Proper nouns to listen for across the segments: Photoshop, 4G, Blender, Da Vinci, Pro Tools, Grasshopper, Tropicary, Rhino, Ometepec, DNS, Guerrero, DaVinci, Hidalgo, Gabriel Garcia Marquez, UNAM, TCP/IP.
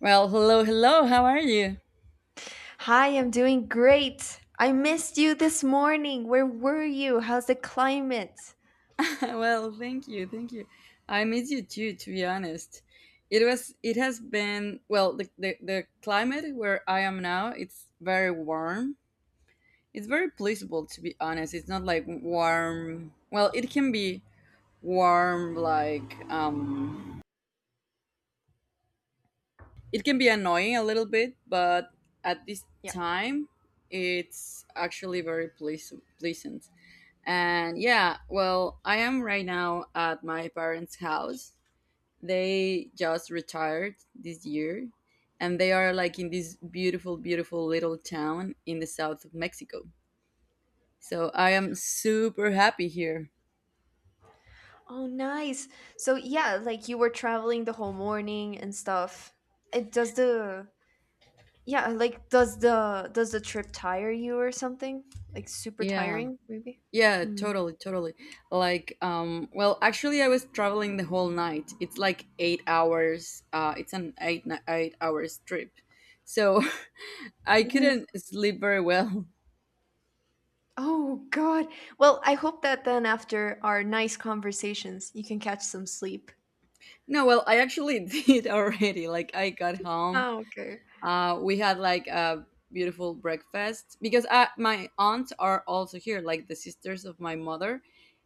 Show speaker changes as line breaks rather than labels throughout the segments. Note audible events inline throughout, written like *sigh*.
Well, hello, hello. How are you?
Hi, I'm doing great. I missed you this morning. Where were you? How's the climate?
*laughs* Thank you, thank you. I miss you too, to be honest. It has been, well, the climate where I am now, it's very warm. It's very pleasurable, to be honest. It's not like warm. Well, it can be warm, it can be annoying a little bit, but at this
Yeah.
time, it's actually very pleasant. And yeah, well, I am right now at my parents' house. They just retired this year, and they are like in this beautiful, beautiful little town in the south of Mexico. So I am super happy here.
Oh, nice. So, yeah, like you were traveling the whole morning and stuff. It does the Yeah, like does the trip tire you or something? Like super
Yeah.
tiring, maybe?
Yeah,
Hmm.
totally, totally. Actually, I was traveling the whole night. It's like 8 hours. It's an 8 hours trip, so *laughs* I
Ooh.
couldn't sleep very well.
Oh God. Well, I hope that then after our nice conversations, you can catch some sleep.
No, well, I actually *laughs* did already. Like, I got home.
Oh, okay.
We had like a beautiful breakfast because my aunts are also here. Like the sisters of my mother,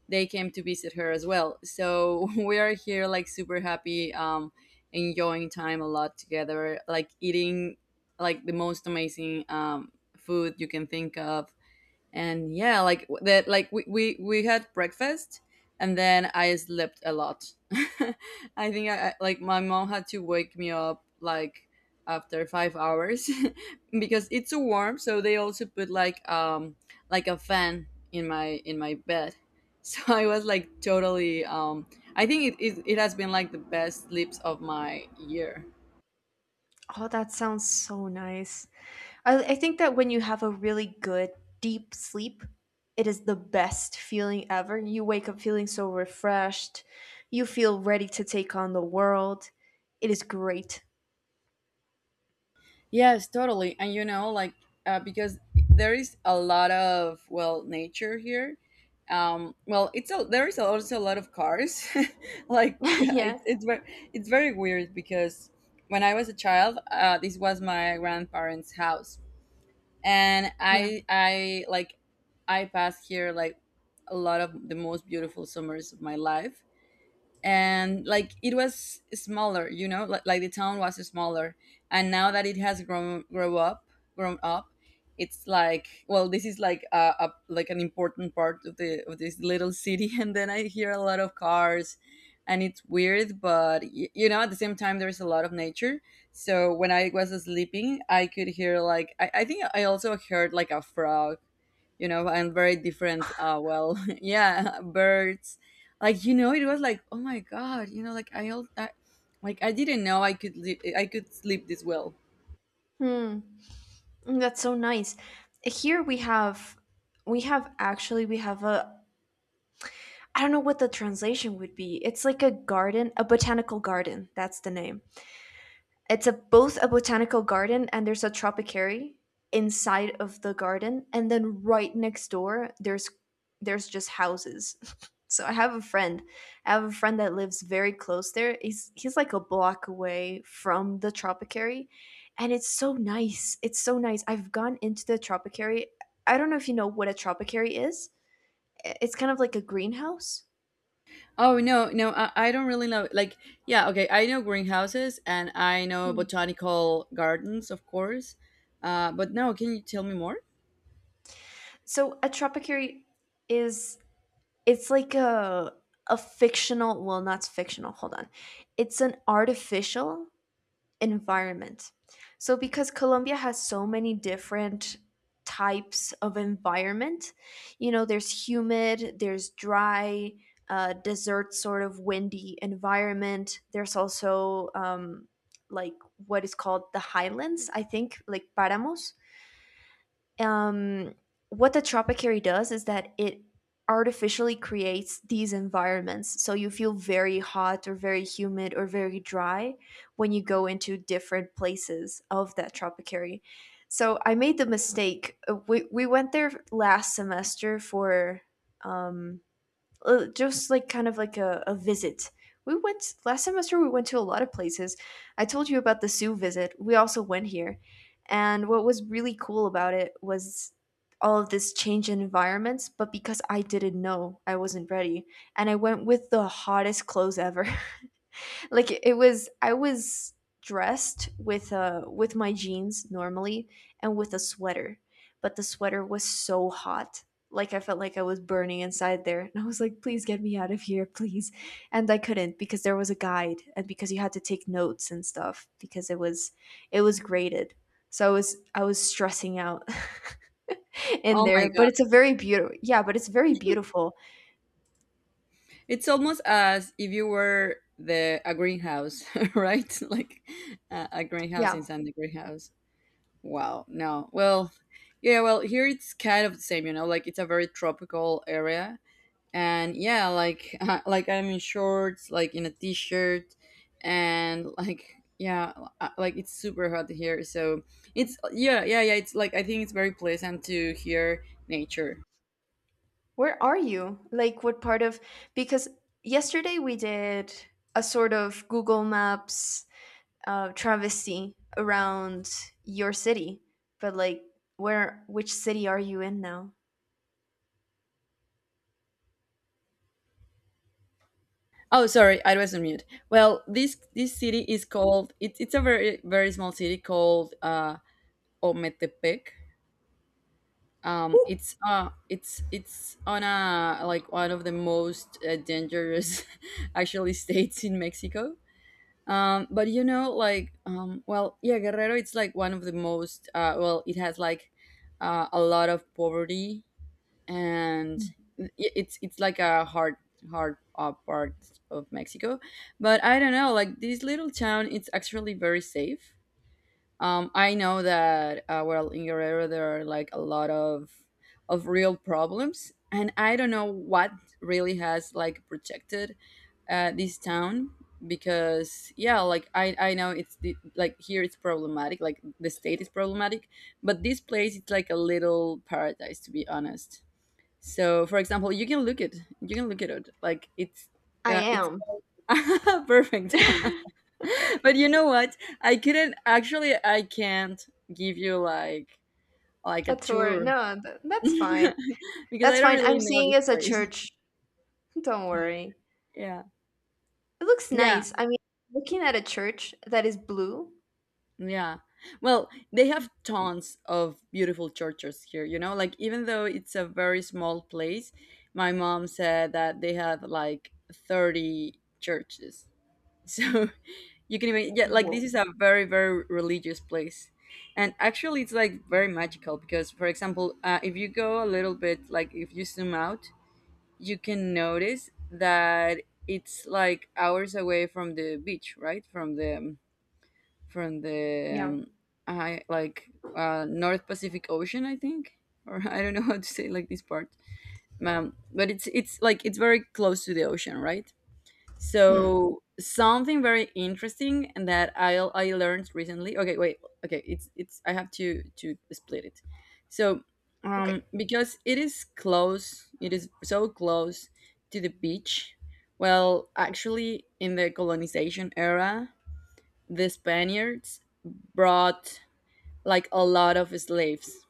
they came to visit her as well. So *laughs* we are here, like super happy, enjoying time a lot together. Like eating like the most amazing food you can think of. And yeah like that like we had breakfast, and then I slept a lot. *laughs* I think I like my mom had to wake me up like after 5 hours *laughs* because it's so warm, so they also put like a fan in my bed, so *laughs* I was like totally I think it has been like the best sleeps of my year.
Oh, that sounds so nice. I think that when you have a really good deep sleep, it is the best feeling ever. You wake up feeling so refreshed. You feel ready to take on the world. It is great.
Yes, totally. And you know, like because there is a lot of well nature here. There is also a lot of cars. *laughs* like
*laughs* yeah.
it's it's very it's very weird because when I was a child, this was my grandparents' house, and
Yeah.
I like I passed here like a lot of the most beautiful summers of my life. And like it was smaller, you know, like the town was smaller, and now that it has grown up, it's like well this is like a like an important part of the of this little city. *laughs* And then I hear a lot of cars, and it's weird but you know at the same time there's a lot of nature. So when I was sleeping I could hear like I think I also heard like a frog, you know, and very different. *laughs* Yeah, birds. Like you know, it was like, oh my god, you know, I like I didn't know I could I could sleep this well.
Hmm. That's so nice. Here we have actually we have a I don't know what the translation would be. It's like a garden, a botanical garden. That's the name. It's a both a botanical garden and there's a tropicary inside of the garden, and then right next door there's just houses. *laughs* So I have a friend. I have a friend that lives very close there. He's like a block away from the Tropicary, and it's so nice. It's so nice. I've gone into the Tropicary. I don't know if you know what a Tropicary is. It's kind of like a greenhouse.
Oh no, no, I don't really know. Like, yeah, okay, I know greenhouses and I know
Hmm.
botanical gardens, of course. But no, can you tell me more?
So a Tropicary is It's like a fictional, well, not fictional, hold on. It's an artificial environment. So because Colombia has so many different types of environment, you know, there's humid, there's dry, desert sort of windy environment. There's also like what is called the highlands, I think, like paramos. um, what the Tropicary does is that it artificially creates these environments. So you feel very hot or very humid or very dry when you go into different places of that Tropicary. So I made the mistake. We went there last semester for um, just like kind of like a visit. We went last semester. We went to a lot of places. I told you about the zoo visit. We also went here, and what was really cool about it was all of this change in environments. But because I didn't know, I wasn't ready, and I went with the hottest clothes ever. *laughs* Like, it was I was dressed with my jeans normally and with a sweater, but the sweater was so hot. Like, I felt like I was burning inside there, and I was like, please get me out of here, please. And I couldn't because there was a guide and because you had to take notes and stuff, because it was graded. So I was stressing out *laughs* in
Oh my
there, but
god,
it's a very beautiful yeah, but it's very beautiful.
it's almost as if you were the a greenhouse, *laughs* right? Like a greenhouse
Yeah.
inside the greenhouse. Wow. No. Well, yeah, well, here it's kind of the same, you know, like it's a very tropical area. And yeah, like *laughs* like I'm in shorts, like in a t-shirt, and like yeah, like it's super hot here. So, it's yeah, yeah, yeah, it's like I think it's very pleasant to hear nature.
Where are you? Like, what part of? Because yesterday we did a sort of Google Maps travesty around your city, but like, which city are you in now?
Oh, sorry, I was on mute. Well, this city is called it's a very very small city called Ometepec. It's on a like one of the most dangerous *laughs* actually states in Mexico. But you know like yeah, Guerrero, it's like one of the most well it has like a lot of poverty, and it's like a hard hard part of Mexico. But I don't know, like this little town it's actually very safe. I know that well in your area there are like a lot of real problems, and I don't know what really has like protected this town, because yeah, like I know it's the, like here it's problematic, like the state is problematic, but this place it's like a little paradise to be honest. So for example, you can look it, you can look at it like
I
it's
am.
called *laughs* perfect. *laughs* But you know what, I couldn't actually I can't give you like
A
a
tour.
tour
No,
*laughs*
that's fine.
because
That's
I don't
fine. I'm
really know
seeing
this
as a
place.
church. *laughs* Don't worry.
Yeah
It looks
yeah
nice. I mean, looking at a church that is blue.
yeah, well they have tons of beautiful churches here, you know, like even though it's a very small place, my mom said that they have like 30 churches. So *laughs* you can even yeah like
Whoa.
this is a very very religious place. And actually it's like very magical, because for example if you go a little bit like if you zoom out, you can notice that it's like hours away from the beach, right, from the
Yeah.
I, like North Pacific Ocean I think, or *laughs* I don't know how to say like this part. But it's like it's very close to the ocean, right?
Mm.
So something very interesting and that I learned recently. Okay, wait. Okay, it's I have to split it. So
Okay.
because it is close, it is so close to the beach. Well, actually in the colonization era, the Spaniards brought like a lot of slaves.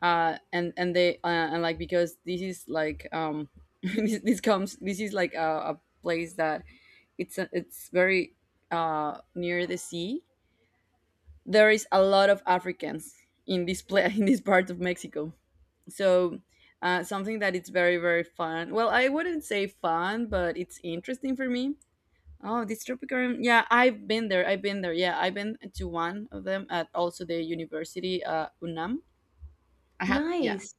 And like because this is like *laughs* this comes this is like a place that it's very near the sea. There is a lot of Africans in this pla *laughs* in this part of Mexico. So something that it's very very fun. Well, I wouldn't say fun, but it's interesting for me. Oh, this Tropicarium. Yeah, I've been there. I've been there. Yeah, I've been to one of them at also the university, UNAM. I have, yeah,
Nice.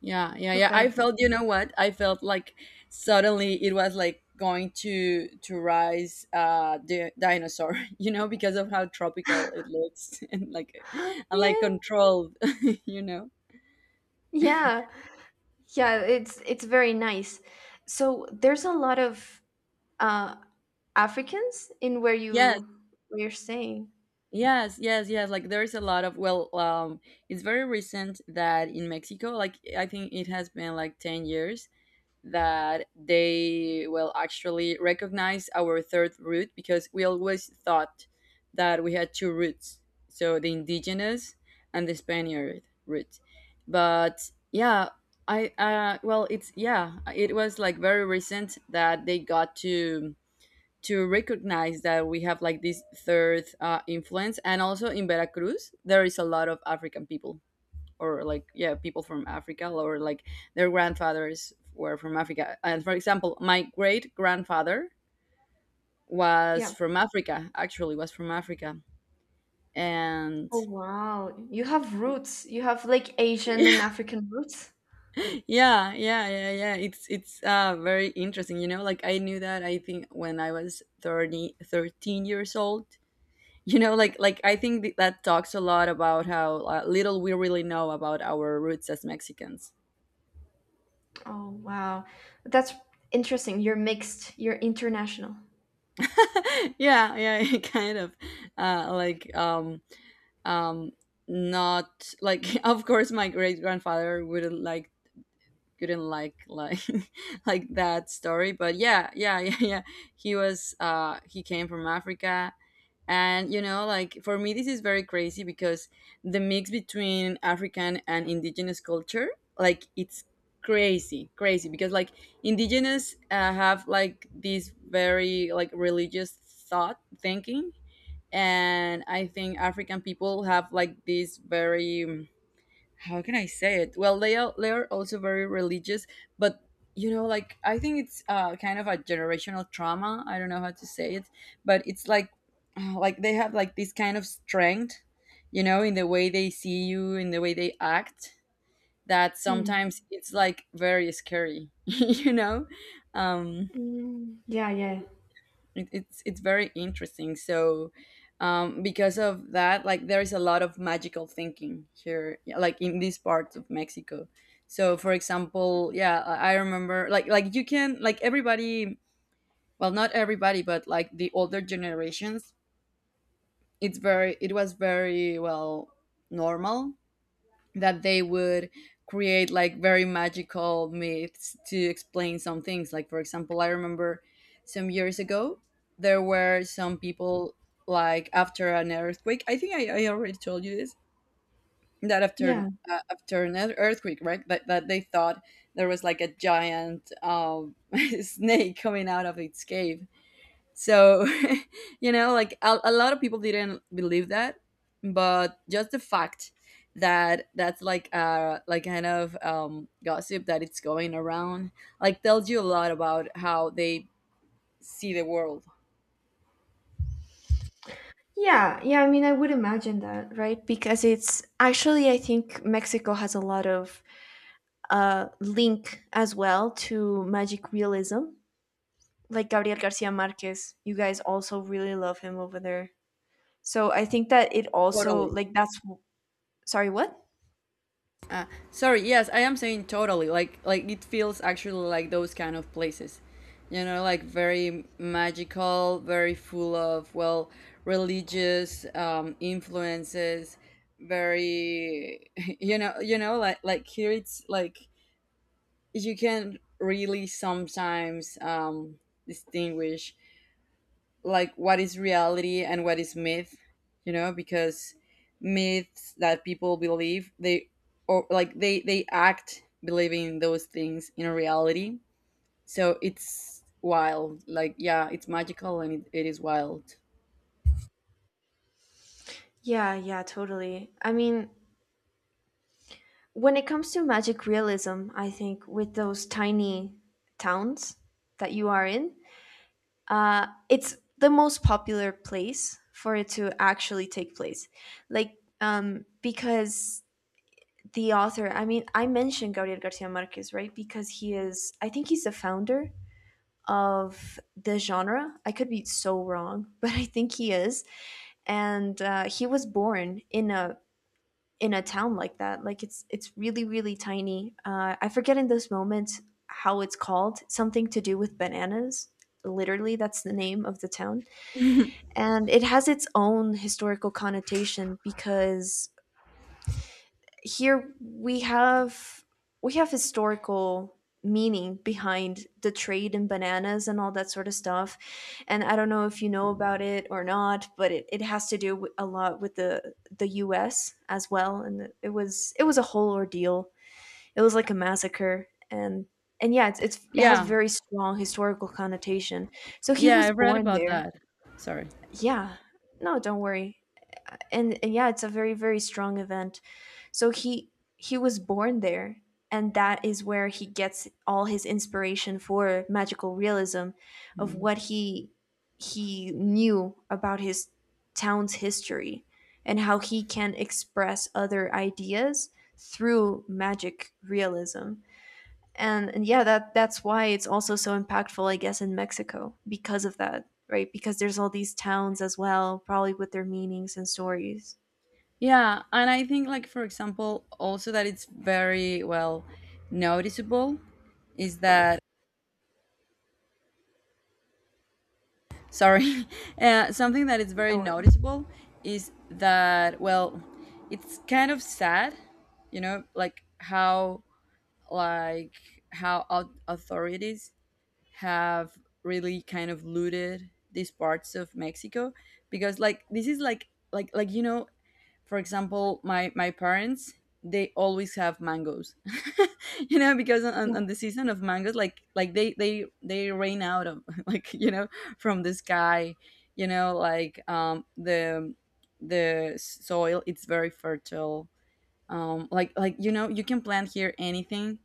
yeah, yeah, yeah.
Okay.
I felt, you know what? I felt like suddenly it was like going to rise the dinosaur, *laughs* you know, because of how tropical it looks, *laughs*
*gasps*
and like
yeah.
controlled, *laughs* you know.
Yeah. Yeah, it's very nice. So there's a lot of uh, Africans in
Yes,
where you're staying.
yes, yes, yes. Like there's a lot of well, it's very recent that in Mexico, like I think it has been like 10 years that they will actually recognize our third root, because we always thought that we had two roots, so the indigenous and the Spaniard root. But yeah, I well it's yeah it was like very recent that they got to recognize that we have like this third influence. And also in Veracruz there is a lot of African people, or like yeah people from Africa, or like their grandfathers were from Africa. And for example my great grandfather was
Yeah.
from Africa, actually was from Africa. And
Oh wow, you have roots. You have like
*laughs*
Asian and
yeah
African roots.
yeah yeah yeah it's very interesting, you know, like I knew that I think when I was 30 13 years old. *laughs* You know
Yeah.
like I think that talks a lot about how little we really know about our roots as Mexicans.
Oh wow, that's interesting. You're mixed. You're international.
*laughs* Yeah yeah *laughs* kind of uh, like um um not like *laughs* of course my great grandfather wouldn't like couldn't like *laughs* like that story, but yeah yeah *laughs* yeah yeah he was he came from Africa. And you know like for me this is very crazy because the mix between African and indigenous culture, like it's crazy crazy. Because like indigenous have like this very like religious thought thinking, and I think African people have like this very how can I say it? Well, they are also very religious, but you know, like I think it's kind of a generational trauma. I don't know how to say it, but it's like *sighs* like they have like this kind of strength, you know, in the way they see you, in the way they act. That
Hmm.
sometimes it's like very scary, *laughs* you know. Um,
Mm, yeah, yeah,
it, it's very interesting. So because of that like there is a lot of magical thinking here, yeah, like in these parts of Mexico. So for example yeah I remember like you can like everybody, well not everybody but like the older generations, it's very it was very well normal that they would create like very magical myths to explain some things. Like, for example, I remember some years ago, there were some people like after an earthquake. I think I already told you this, that after
yeah,
after an earthquake, right? That, they thought there was like a giant *laughs* snake coming out of its cave so, *laughs* like a lot of people didn't believe that, but just the fact that that's like like kind of gossip that it's going around like tells you a lot about how they see the world.
yeah, yeah. I mean, I would imagine that, right? Because it's actually, I think Mexico has a lot of link as well to magic realism. Like Gabriel Garcia Marquez, you guys also really love him over there. So I think that it also
Totally.
like that's Sorry, what?
Uh, Sorry, yes, I am saying totally. Like it feels actually like those kind of places. You know, like very magical, very full of, well, religious influences, very *laughs* you know, like here it's like you can really sometimes distinguish like what is reality and what is myth, you know, because myths that people believe, they or like they act believing those things in a reality, so it's wild. Like yeah, it's magical and, it is wild.
Yeah, yeah, totally. I mean, when it comes to magic realism, I think with those tiny towns that you are in, it's the most popular place for it to actually take place. Like, because the author, I mean, I mentioned Gabriel Garcia Marquez, right? Because he is, I think he's the founder of the genre. I could be so wrong, *laughs* but I think he is. And he was born in a town like that. Like it's really really tiny. I forget in this moment how it's called. Something to do with bananas. Literally, that's the name of the town, and it has its own historical connotation because here we have historical meaning behind the trade in bananas and all that sort of stuff. And I don't know if you know about it or not, but it has to do with, a lot with the US as well. And it was a whole ordeal it was like a massacre. And yeah, it has
Yeah,
very strong historical connotation. So he
yeah, I
was
read
born
about
there.
that. Sorry.
Yeah. No, don't worry. And yeah, it's a very very strong event. So he was born there, and that is where he gets all his inspiration for magical realism, of
Mm.
what he knew about his town's history and how he can express other ideas through magic realism. And yeah, that's why it's also so impactful, I guess, in Mexico because of that, right? Because there's all these towns as well, probably with their meanings and stories.
Yeah, and I think like, for example, also that it's very well noticeable is that, sorry, *laughs* something that is very
Or
noticeable is that, well, it's kind of sad, you know, like how, like how authorities have really kind of looted these parts of Mexico, because like this is like like you know, for example my parents they always have mangoes *laughs* you know, because
yeah,
on the season of mangoes, like they rain out of *laughs* like you know, from the sky, you know, like the soil, it's very fertile. Um, you know, you can plant here anything.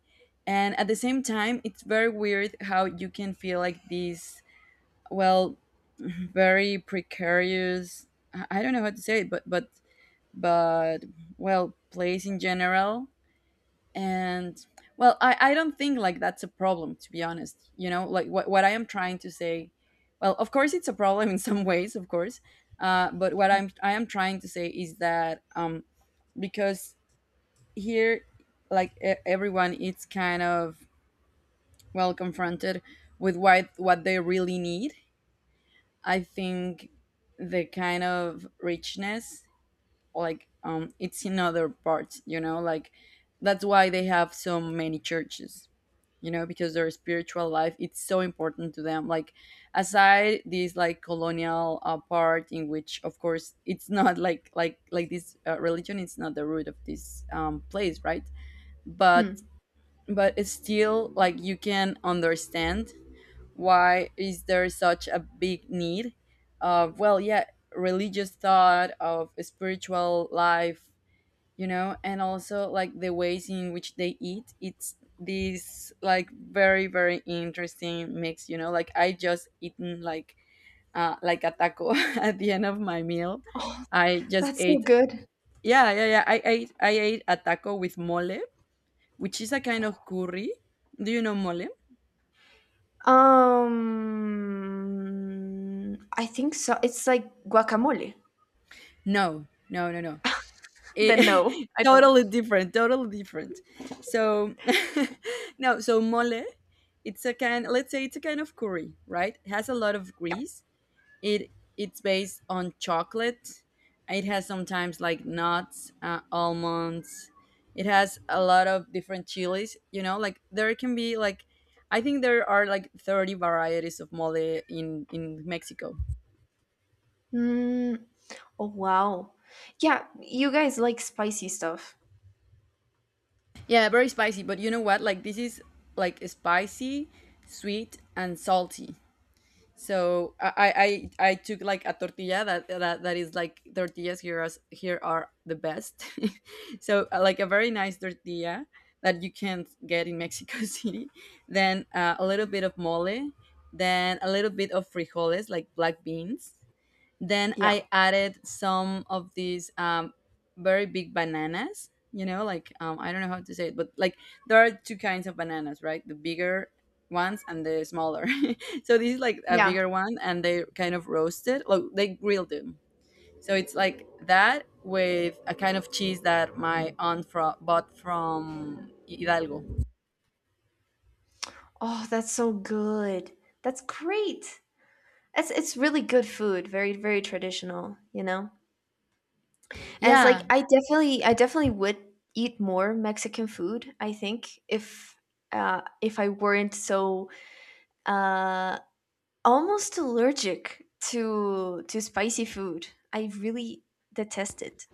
And at the same time, it's very weird how you can feel like these, well, *laughs* very precarious, I don't know how to say it, but but well, plays in general. And well, I don't think like that's a problem, to be honest, you know, like what I am trying to say. Well, of course, it's a problem, *laughs* in some ways, of course. But what I am trying to say is that because here, like everyone it's kind of, well, confronted with what they really need, I think. The kind of richness, like it's in other parts, you know, like, that's why they have so many churches, you know, because their spiritual life, it's so important to them. Like, aside this like colonial part, in which of course it's not, *laughs* like this religion, it's not the root of this place, right? but
hmm.
but it's still like you can understand why is there such a big need of, well, yeah, religious thought, of spiritual life, you know. And also like the ways in which they eat, it's this like very interesting mix. You know, like I just eaten like a taco, *laughs* at the end of my meal. I just
That's so
ate,
good.
yeah yeah yeah, I ate, I ate a taco with mole, which is a kind of curry. Do you know mole?
I think so. It's like guacamole. *laughs*
No, no, no, no. It,
Then no,
*laughs*
I don't.
totally different, totally different. So *laughs* no, so mole, it's a kind. Let's say it's a kind of curry, right? It has a lot of
Yeah.
grease. It it's based on chocolate. It has sometimes like nuts, almonds. It has a lot of different chilies. You know, like there can be like, I think there are like 30 varieties of mole in Mexico.
Mm, oh wow. Yeah, you guys like spicy stuff.
Yeah, very spicy. But you know what? Like this is like spicy, sweet, and salty. So I took like a tortilla that, that is like tortillas here, as here are the best. *laughs* So like a very nice tortilla that you can't get in Mexico *laughs* City. Then a little bit of mole, then a little bit of frijoles, like black beans, then
Yeah.
I added some of these very big bananas. You know, like I don't know how to say it, but like there are two kinds of bananas, right? The bigger ones and the smaller. *laughs* So this is like a
Yeah.
bigger one, and they kind of roasted, like they grilled them. So it's like that with a kind of cheese that my aunt bought from Hidalgo.
Oh, that's so good. That's great. It's really good food. Very very traditional, you know. And it's like
Yeah.
I definitely would eat more Mexican food, I think, if I weren't so uh almost allergic to spicy food. I really detest it.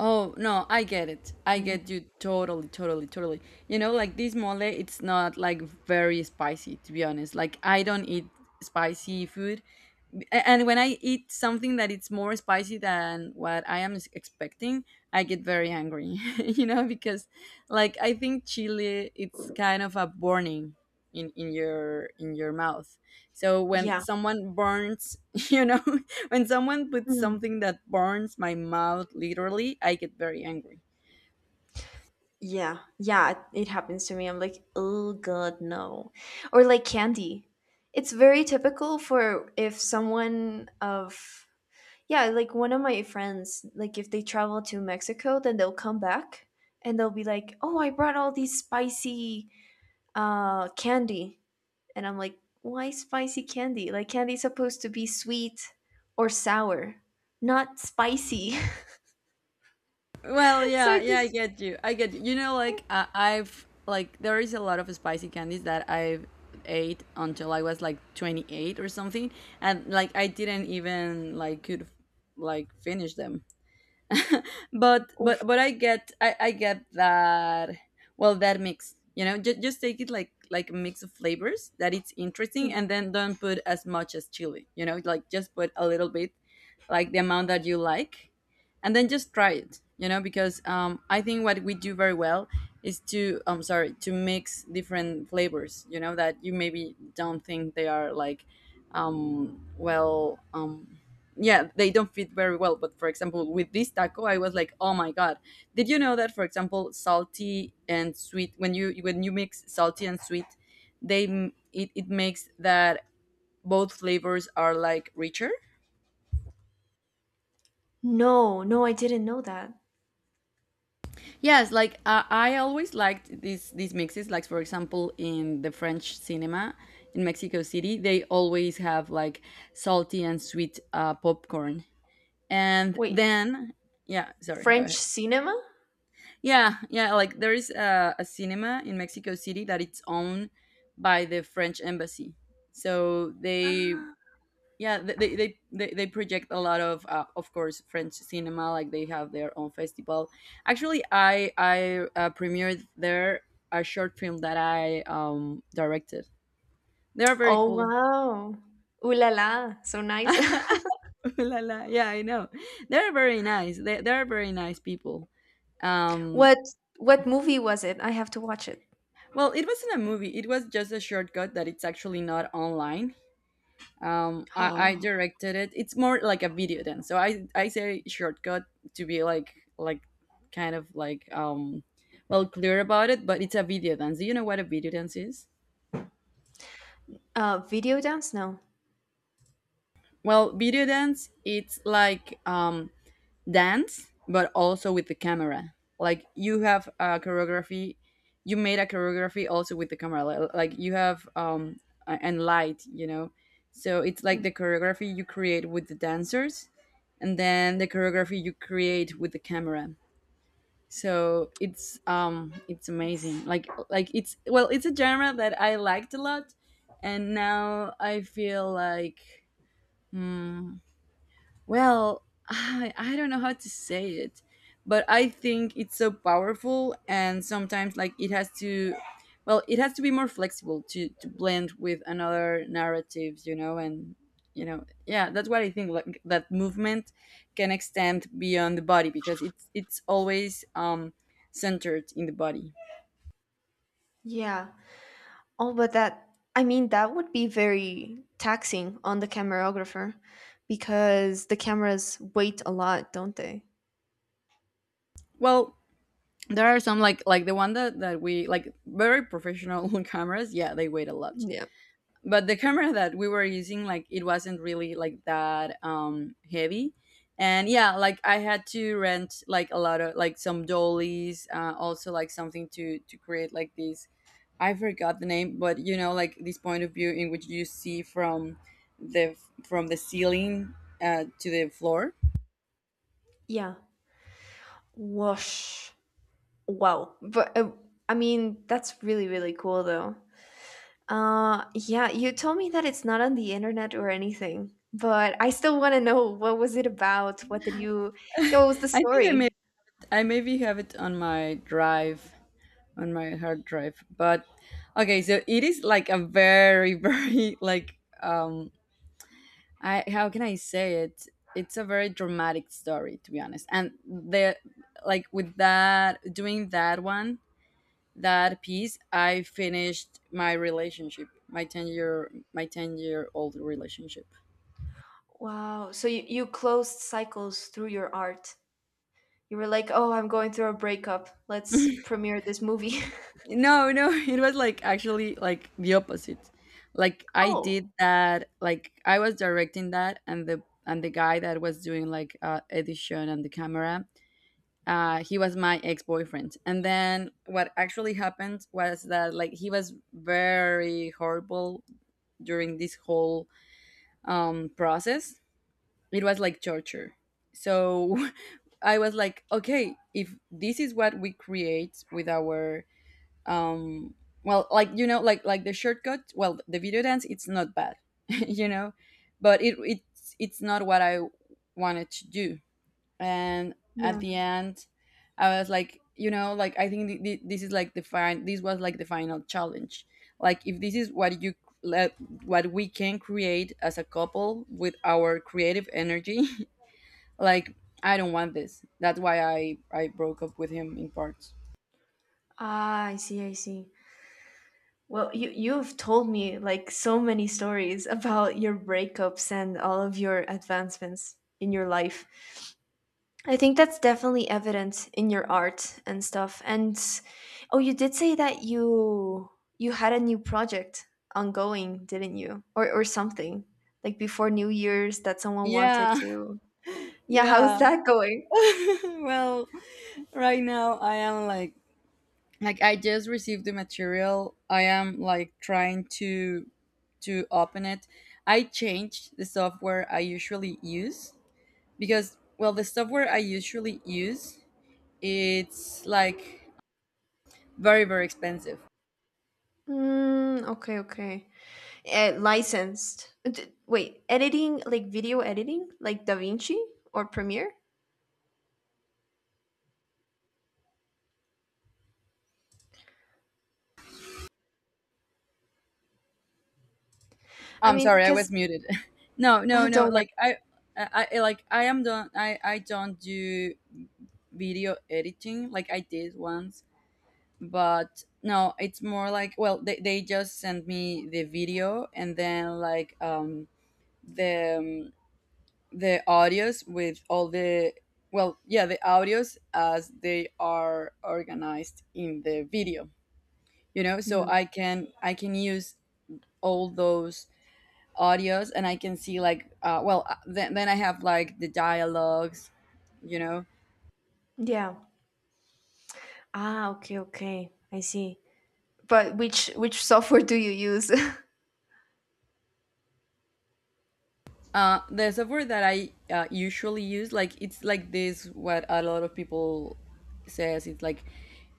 Oh, no, I get it. I
Yeah.
get you, totally, totally, totally. You know, like this mole, it's not like very spicy, to be honest. Like, I don't eat spicy food, and when I eat something that it's more spicy than what I am expecting, I get very angry. *laughs* You know, because like, I think chili, it's kind of a burning in your mouth, so when
Yeah.
someone burns, *laughs* you know, *laughs* when someone puts
Mm.
something that burns my mouth literally, I get very angry.
Yeah. Yeah, it happens to me. I'm like, "Oh god, no." Or like candy. It's very typical for if someone of Yeah, like one of my friends, like if they travel to Mexico, then they'll come back and they'll be like, "Oh, I brought all these spicy candy." And I'm like, why spicy candy? Like candy's supposed to be sweet or sour, not spicy.
Well,
*laughs* so I
yeah, yeah, I
just
get you. I get you. You know, like, I've, like, there is a lot of spicy candies that I've ate until I was like 28 or something, and like I didn't even like could like finish them. But
Oof.
but I get, I get that. Well, that mix, you know, just take it like a mix of flavors that it's interesting,
Hmm.
and then don't put as much as chili, you know, like just put a little bit, like the amount that you like, and then just try it, you know, because I think what we do very well is to, I'm sorry, to mix different flavors, you know, that you maybe don't think they are like um, well um, yeah, they don't fit very well. But for example, with this taco, I was like, oh my god, did you know that, for example, salty and sweet, when you mix salty and sweet, they it makes that both flavors are like richer.
No, no, I didn't know that.
Yes, like, I always liked these mixes, like for example in the French cinema in Mexico City, they always have like salty and sweet popcorn. And
Wait,
then yeah, sorry, go
French
ahead.
cinema?
Yeah, yeah. Like there is a cinema in Mexico City that it's owned by the French embassy. So they,
Ah.
yeah, they project a lot of course, French cinema. Like they have their own festival. Actually, I premiered there a short film that I directed. They are very
Oh
cool.
wow. Ooh la la, so nice.
*laughs* Ooh la la. Yeah, I know. They're very nice. They're very nice people.
*laughs*
Um,
what what movie was it? I have to watch it.
Well, it wasn't a movie. It was just a shortcut that it's actually not online. I
*gasps*
directed it. It's more like a video then. So I say shortcut to be like kind of like well, clear about it. But it's a video dance. Do you know what a video dance is?
Oh. Video dance? No.
Well, video dance it's like dance but also with the camera, like you have a choreography, you made a choreography also with the camera, like you have and light, you know. So it's
Hmm.
like the choreography you create with the dancers and then the choreography you create with the camera. So it's amazing. Like it's, well, it's a genre that I liked a lot, and now I feel like, hmm, well, I don't know how to say it, but I think it's so powerful, and sometimes like it has to, well, it has to be more flexible to blend with another narratives, you know. And you know, yeah, that's what I think, like that movement can extend beyond the body because it's always centered in the body.
Yeah. Oh, but that, I mean, that would be very taxing on the cameraographer because the cameras weight a lot, don't they?
Well, there are some like the one that we like, very professional *laughs* cameras, yeah, they weigh a lot.
Yeah.
But the camera that we were using, like it wasn't really like that heavy. And yeah, like I had to rent like a lot of, like some dollies, also like something to create like this, I forgot the name, but you know, like this point of view in which you see the from the ceiling, to the floor.
Yeah. Whoosh. Wow. But, I mean, that's really, really cool, though. Yeah, you told me that it's not on the internet or anything, but I still want to know what was it about? Yeah, what was the
i think i may
story?
i maybe have it on my drive, on my hard drive. But okay, so it is like a very *laughs* very like I, how can I say it? It's a very dramatic story, to be honest. And the, like, with that, doing that one, that piece, I finished my relationship, my 10-year-old relationship.
Wow. So you closed cycles through your art. You were like, "Oh, I'm going through a breakup. Let's premiere this movie." *laughs*
No, no, *laughs* it was like actually like the opposite. Like I
Oh,
did that, like I was directing that and the guy that was doing like edition and the camera he was my ex-boyfriend. And then what actually happened was that, like, he was very horrible during this whole process. It was like torture. So, *laughs* I was like, okay, if this is what we create with our um well, like like the shortcut well the video dance, it's not bad, *laughs* you know but it's not what I wanted to do. And at
yeah.
the end I was like, like, I think this is like the fine, this was like the final challenge. Like, if this is what you let, what we can create as a couple with our creative energy, *laughs* like, I don't want this. That's why I broke up with him in parts.
Ah, I see, I see. Well, you've told me like so many stories about your breakups and all of your advancements in your life. I think that's definitely evident in your art and stuff. And oh, you did say that you had a new project ongoing, didn't you? Or something like before New Year's that someone wanted
Yeah.
to.
*laughs*
Yeah,
Yeah.
how's that *laughs* going?
*laughs* Well, right now I am like I just received the material. I am like trying to open it. I changed the software I usually use because, well, the software I usually use, it's like very very expensive.
Mm, okay, okay. Licensed. Wait, editing like video editing like DaVinci or Premiere? I
I'm
mean,
sorry, I
because
was muted. *laughs* No, no,
*laughs*
no.
don't worry.
Like I- like I am don't I don't do video editing. Like, I did once, but no, it's more like, well, they just send me the video and then like the um, the audios with all the, well, yeah, the audios as they are organized in the video, you know, so
Mm,
I can use all those audios. And I can see like well then I have like the dialogues, you know.
yeah. Ah, okay, okay. I see. But which software do you use? *laughs*
The software that I usually use, like it's like this, what a lot of people says, it's like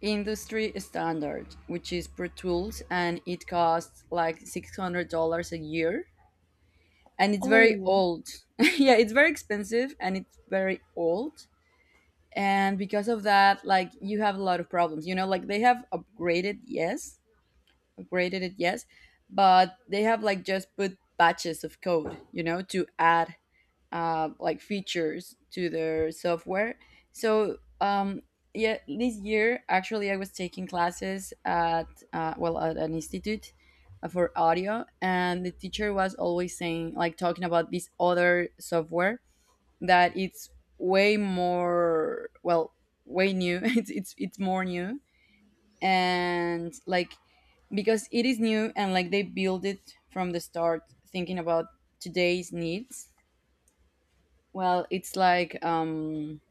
industry standard, which is Pro Tools, and it costs like $600 a year and it's very
Oh,
old. *laughs* Yeah, it's very expensive and it's very old. And because of that, like you have a lot of problems. You know, like they have upgraded, yes, upgraded it, yes, but they have like just put batches of code, you know, to add like features to their software. So yeah, this year actually I was taking classes at well at an institute for audio, and the teacher was always saying, like, talking about this other software that it's way more, well, way new. *laughs* It's more new, and like because it is new and like they build it from the start thinking about today's needs, well, it's like,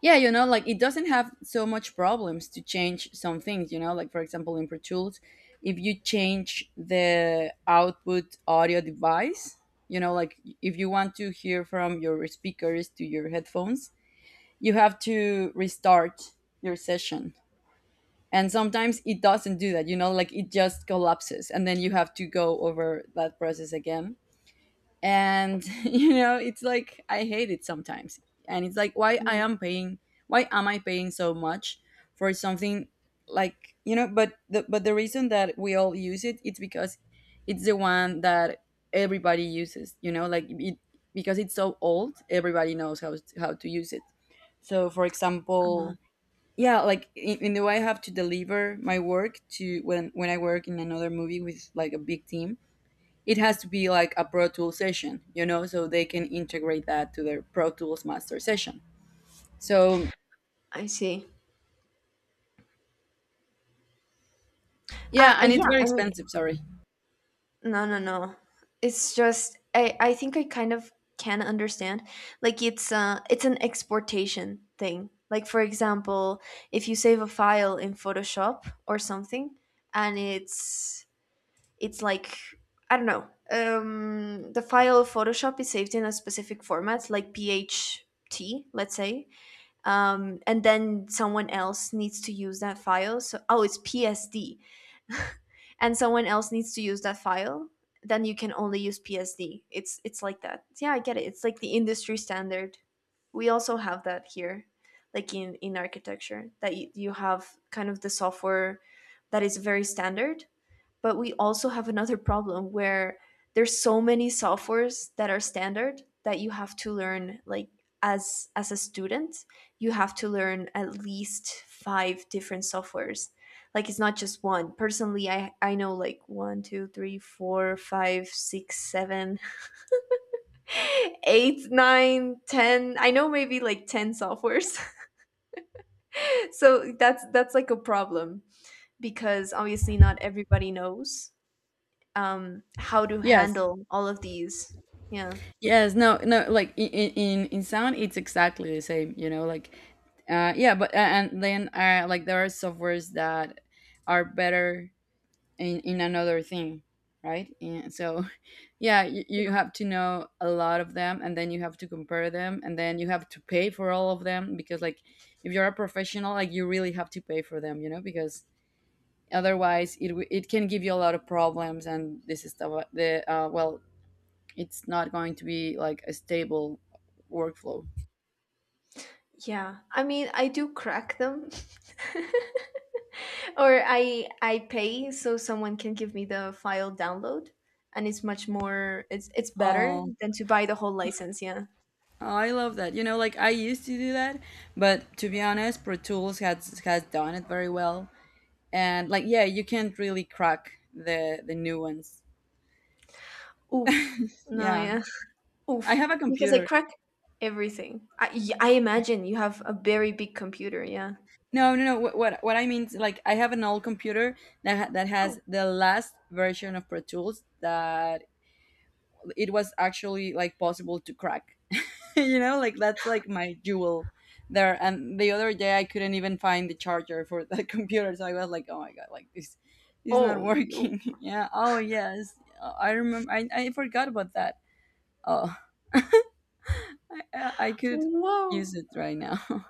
yeah, you know, like it doesn't have so much problems to change some things, you know, like for example, in Pro Tools, if you change the output audio device, you know, like if you want to hear from your speakers to your headphones, you have to restart your session. And sometimes it doesn't do that, you know, like it just collapses and then you have to go over that process again. And *laughs* you know, it's like I hate it sometimes. And it's like,
ooh,
why am I paying so much for something, like, you know. But the reason that we all use it, it's because it's the one that everybody uses, you know, like it, because it's so old, everybody knows how to use it. So for
uh,
example, yeah, like in the way I have to deliver my work to, when I work in another movie with like a big team, it has to be like a Pro Tools session, you know, so they can integrate that to their Pro Tools master session. So
I see.
yeah, and it's
Yeah,
very
I mean,
expensive. Sorry.
no, no, no. It's just I think I kind of can understand. Like it's an exportation thing. Like for example, if you save a file in Photoshop or something and it's like I don't know. The file of Photoshop is saved in a specific format like PHT, let's say. And then someone else needs to use that file. So oh, it's PSD and someone else needs to use that file, then you can only use PSD. It's like that. Yeah, I get it. It's like the industry standard. We also have that here, like in architecture, that you have kind of the software that is very standard, but we also have another problem where there's so many softwares that are standard that you have to learn like as a student you have to learn at least five different softwares like it's not just one personally I know like one two three four five six seven *laughs* eight nine ten I know maybe like 10 softwares *laughs* so that's like a problem because obviously not everybody knows how to
Yes.
handle all of these. Yeah.
Yes. No. No. Like in sound, it's exactly the same. You know, like yeah, but and then like there are softwares that are better in another thing, right. And so *laughs* yeah, you have to know a lot of them, and then you have to compare them, and then you have to pay for all of them, because like if you're a professional, like you really have to pay for them, you know, because otherwise it can give you a lot of problems. And this is the well, it's not going to be like a stable workflow.
Yeah. I mean, I do crack them. *laughs* or I pay so someone can give me the file download, and it's much more, it's better
Oh.
than to buy the whole license, yeah.
Oh, I love that. You know, like I used to do that, but to be honest, Pro Tools has done it very well. And like, yeah, you can't really crack the new ones.
Oof. No,
Yeah.
yeah. *laughs*
I
Oof.
have a
Because I
computer.
crack everything. I imagine you have a very big computer, yeah.
No no no, what I mean is like I have an old computer that has
Oh.
the last version of Pro Tools that it was actually like possible to crack. *laughs* You know, like that's like my jewel there. And the other day I couldn't even find the charger for the *laughs* computer. So I was like, oh my god, like this is not
Oh no.
working. *laughs* Yeah. Oh yes, I remember. I forgot about that. Oh, I could
Whoa.
use it right now. *laughs*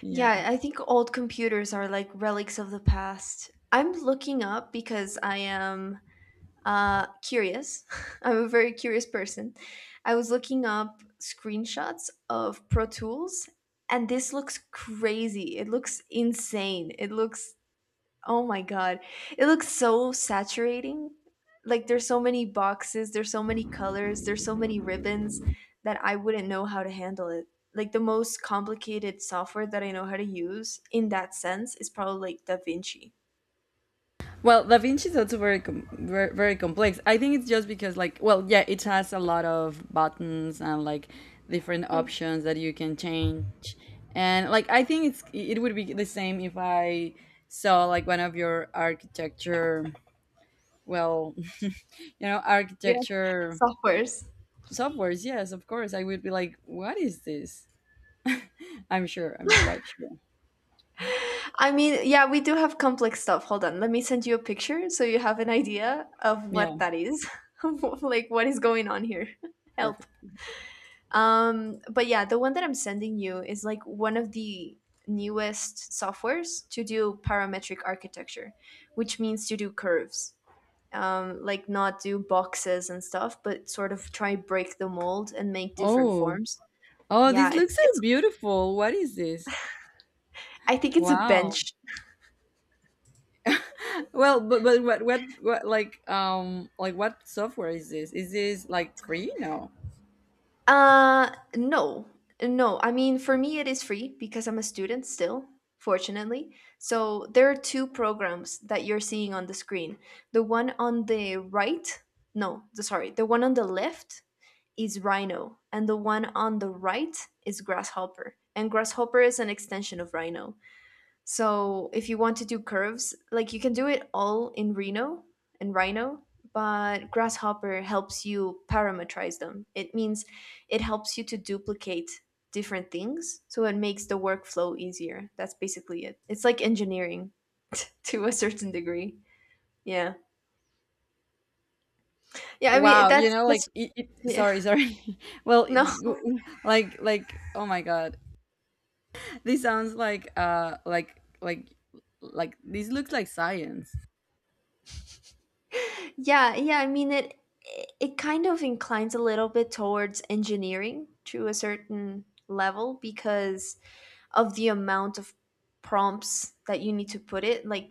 Yeah.
Yeah, I think old computers are like relics of the past. I'm looking up because I am curious. *laughs* I'm a very curious person. I was looking up screenshots of Pro Tools, and this looks crazy. It looks insane. It looks. Oh my god. It looks so saturating. Like there's so many boxes, there's so many colors, there's so many ribbons that I wouldn't know how to handle it. Like the most complicated software that I know how to use in that sense is probably like DaVinci.
Well, Da Vinci is also very, very very complex. I think it's just because, like, well, yeah, it has a lot of buttons and like different
Hmm.
options that you can change. And like, I think it's, it would be the same if I saw like one of your architecture, well, *laughs* you know,
Yeah,
architecture
softwares.
softwares. Yes, of course. I would be like, "What is this?" I'm sure. I'm quite sure.
I mean, yeah, we do have complex stuff. Hold on. Let me send you a picture so you have an idea of
Yeah,
what that is. *laughs* Like what is going on here. *laughs* Help.
perfect.
But yeah, the one that I'm sending you is like one of the newest softwares to do parametric architecture, which means to do curves. Like not do boxes and stuff, but sort of try break the mold and make different
Oh.
forms.
Oh,
Yeah,
this looks
it's
so beautiful. What is this?
I think it's a bench.
Wow. Well, but what like what software is this? Is this like free? No.
Uh, no, no. I mean, for me, it is free because I'm a student still, fortunately. So there are two programs that you're seeing on the screen. The one on the right, no, sorry, the one on the left is Rhino, and the one on the right is Grasshopper. And Grasshopper is an extension of Rhino. So if you want to do curves, like you can do it all in Reno and Rhino, but Grasshopper helps you parameterize them. It means it helps you to duplicate different things, so it makes the workflow easier. That's basically it. It's like engineering *laughs* to a certain degree. Yeah. Yeah, I mean
Wow, you
that's
know, like
that's yeah.
sorry, sorry. *laughs* Well,
*laughs* No.
like, oh my god. This sounds like like this looks like science.
Yeah, yeah, I mean it kind of inclines a little bit towards engineering to a certain level because of the amount of prompts that you need to put it. Like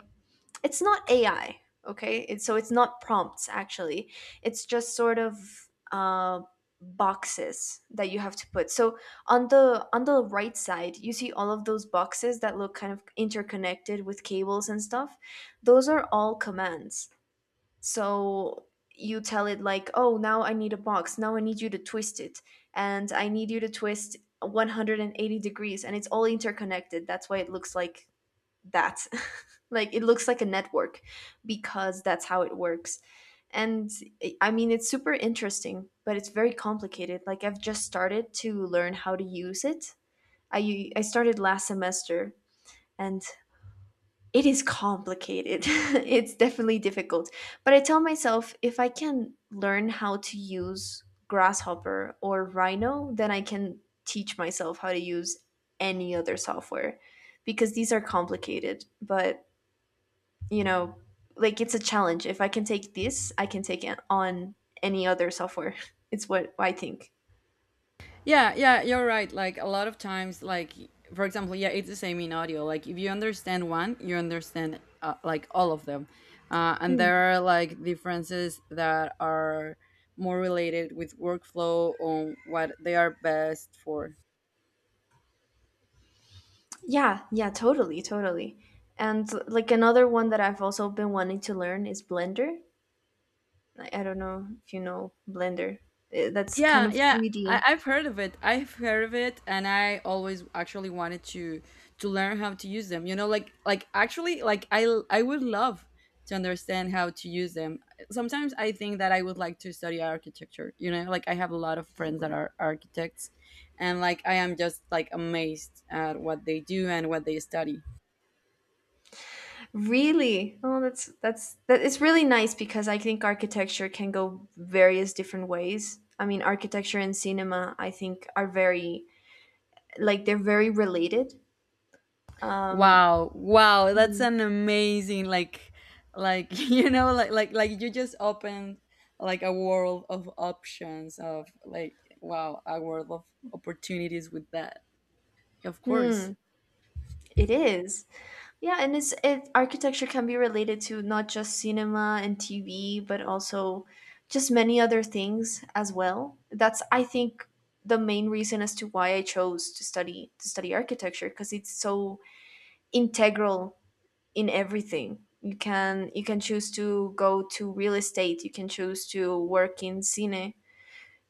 it's not AI, okay? So it's not prompts actually. It's just sort of uh, boxes that you have to put. So on the right side, you see all of those boxes that look kind of interconnected with cables and stuff. Those are all commands. So you tell it like, "Oh, now I need a box. Now I need you to twist it, and I need you to twist 180 degrees, and it's all interconnected. That's why it looks like that. *laughs* Like it looks like a network, because that's how it works." And I mean, it's super interesting, but it's very complicated. Like I've just started to learn how to use it. I started last semester, and it is complicated. *laughs* It's definitely difficult. But I tell myself if I can learn how to use Grasshopper or Rhino, then I can teach myself how to use any other software because these are complicated. But, you know, like it's a challenge. If I can take this, I can take it on any other software. *laughs* It's what I think.
Yeah, yeah, you're right. Like, a lot of times, like for example, yeah, it's the same in audio. Like if you understand one, you understand like all of them, and
Hmm.
there are like differences that are more related with workflow on what they are best for.
Yeah, yeah, totally, totally. And like another one that I've also been wanting to learn is Blender. I don't know if you know Blender. That's kind
Yeah,
of
yeah.
3D.
I've heard of it. I've heard of it, and I always actually wanted to learn how to use them. You know, like actually, like I would love to understand how to use them. Sometimes I think that I would like to study architecture. You know, like I have a lot of friends that are architects, and like, I am just like amazed at what they do and what they study.
Really? Oh, that's that it's really nice because I think architecture can go various different ways. I mean, architecture and cinema, I think, are very like they're very related. Um,
Wow, wow, that's
Hmm.
an amazing, like *laughs* you know, like you just opened like a world of options of, like, wow, a world of opportunities with that. Of course.
Hmm, it is. Yeah, and it's it architecture can be related to not just cinema and TV, but also just many other things as well. That's I think the main reason as to why I chose to study architecture because it's so integral in everything. You can choose to go to real estate, you can choose to work in cine,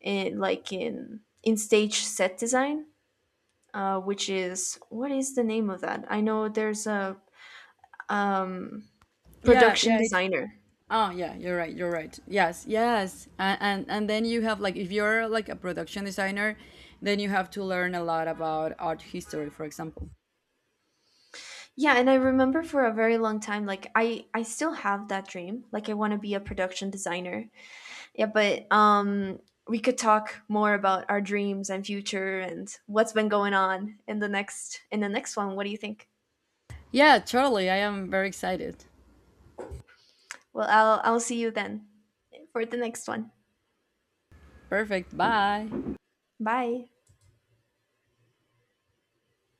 in, like in stage set design, which is what is the name of that? I know there's a um
Yeah,
production
yeah, it's,
designer.
oh yeah, you're right, you're right. Yes, yes. And then you have, like, if you're like a production designer, then you have to learn a lot about art history, for example.
Yeah, and I remember for a very long time like I still have that dream. Like I want to be a production designer. Yeah, but we could talk more about our dreams and future and what's been going on in the next one. What do you think?
Yeah, totally. I am very excited.
Well, I'll see you then for the next one.
Perfect. Bye.
Bye.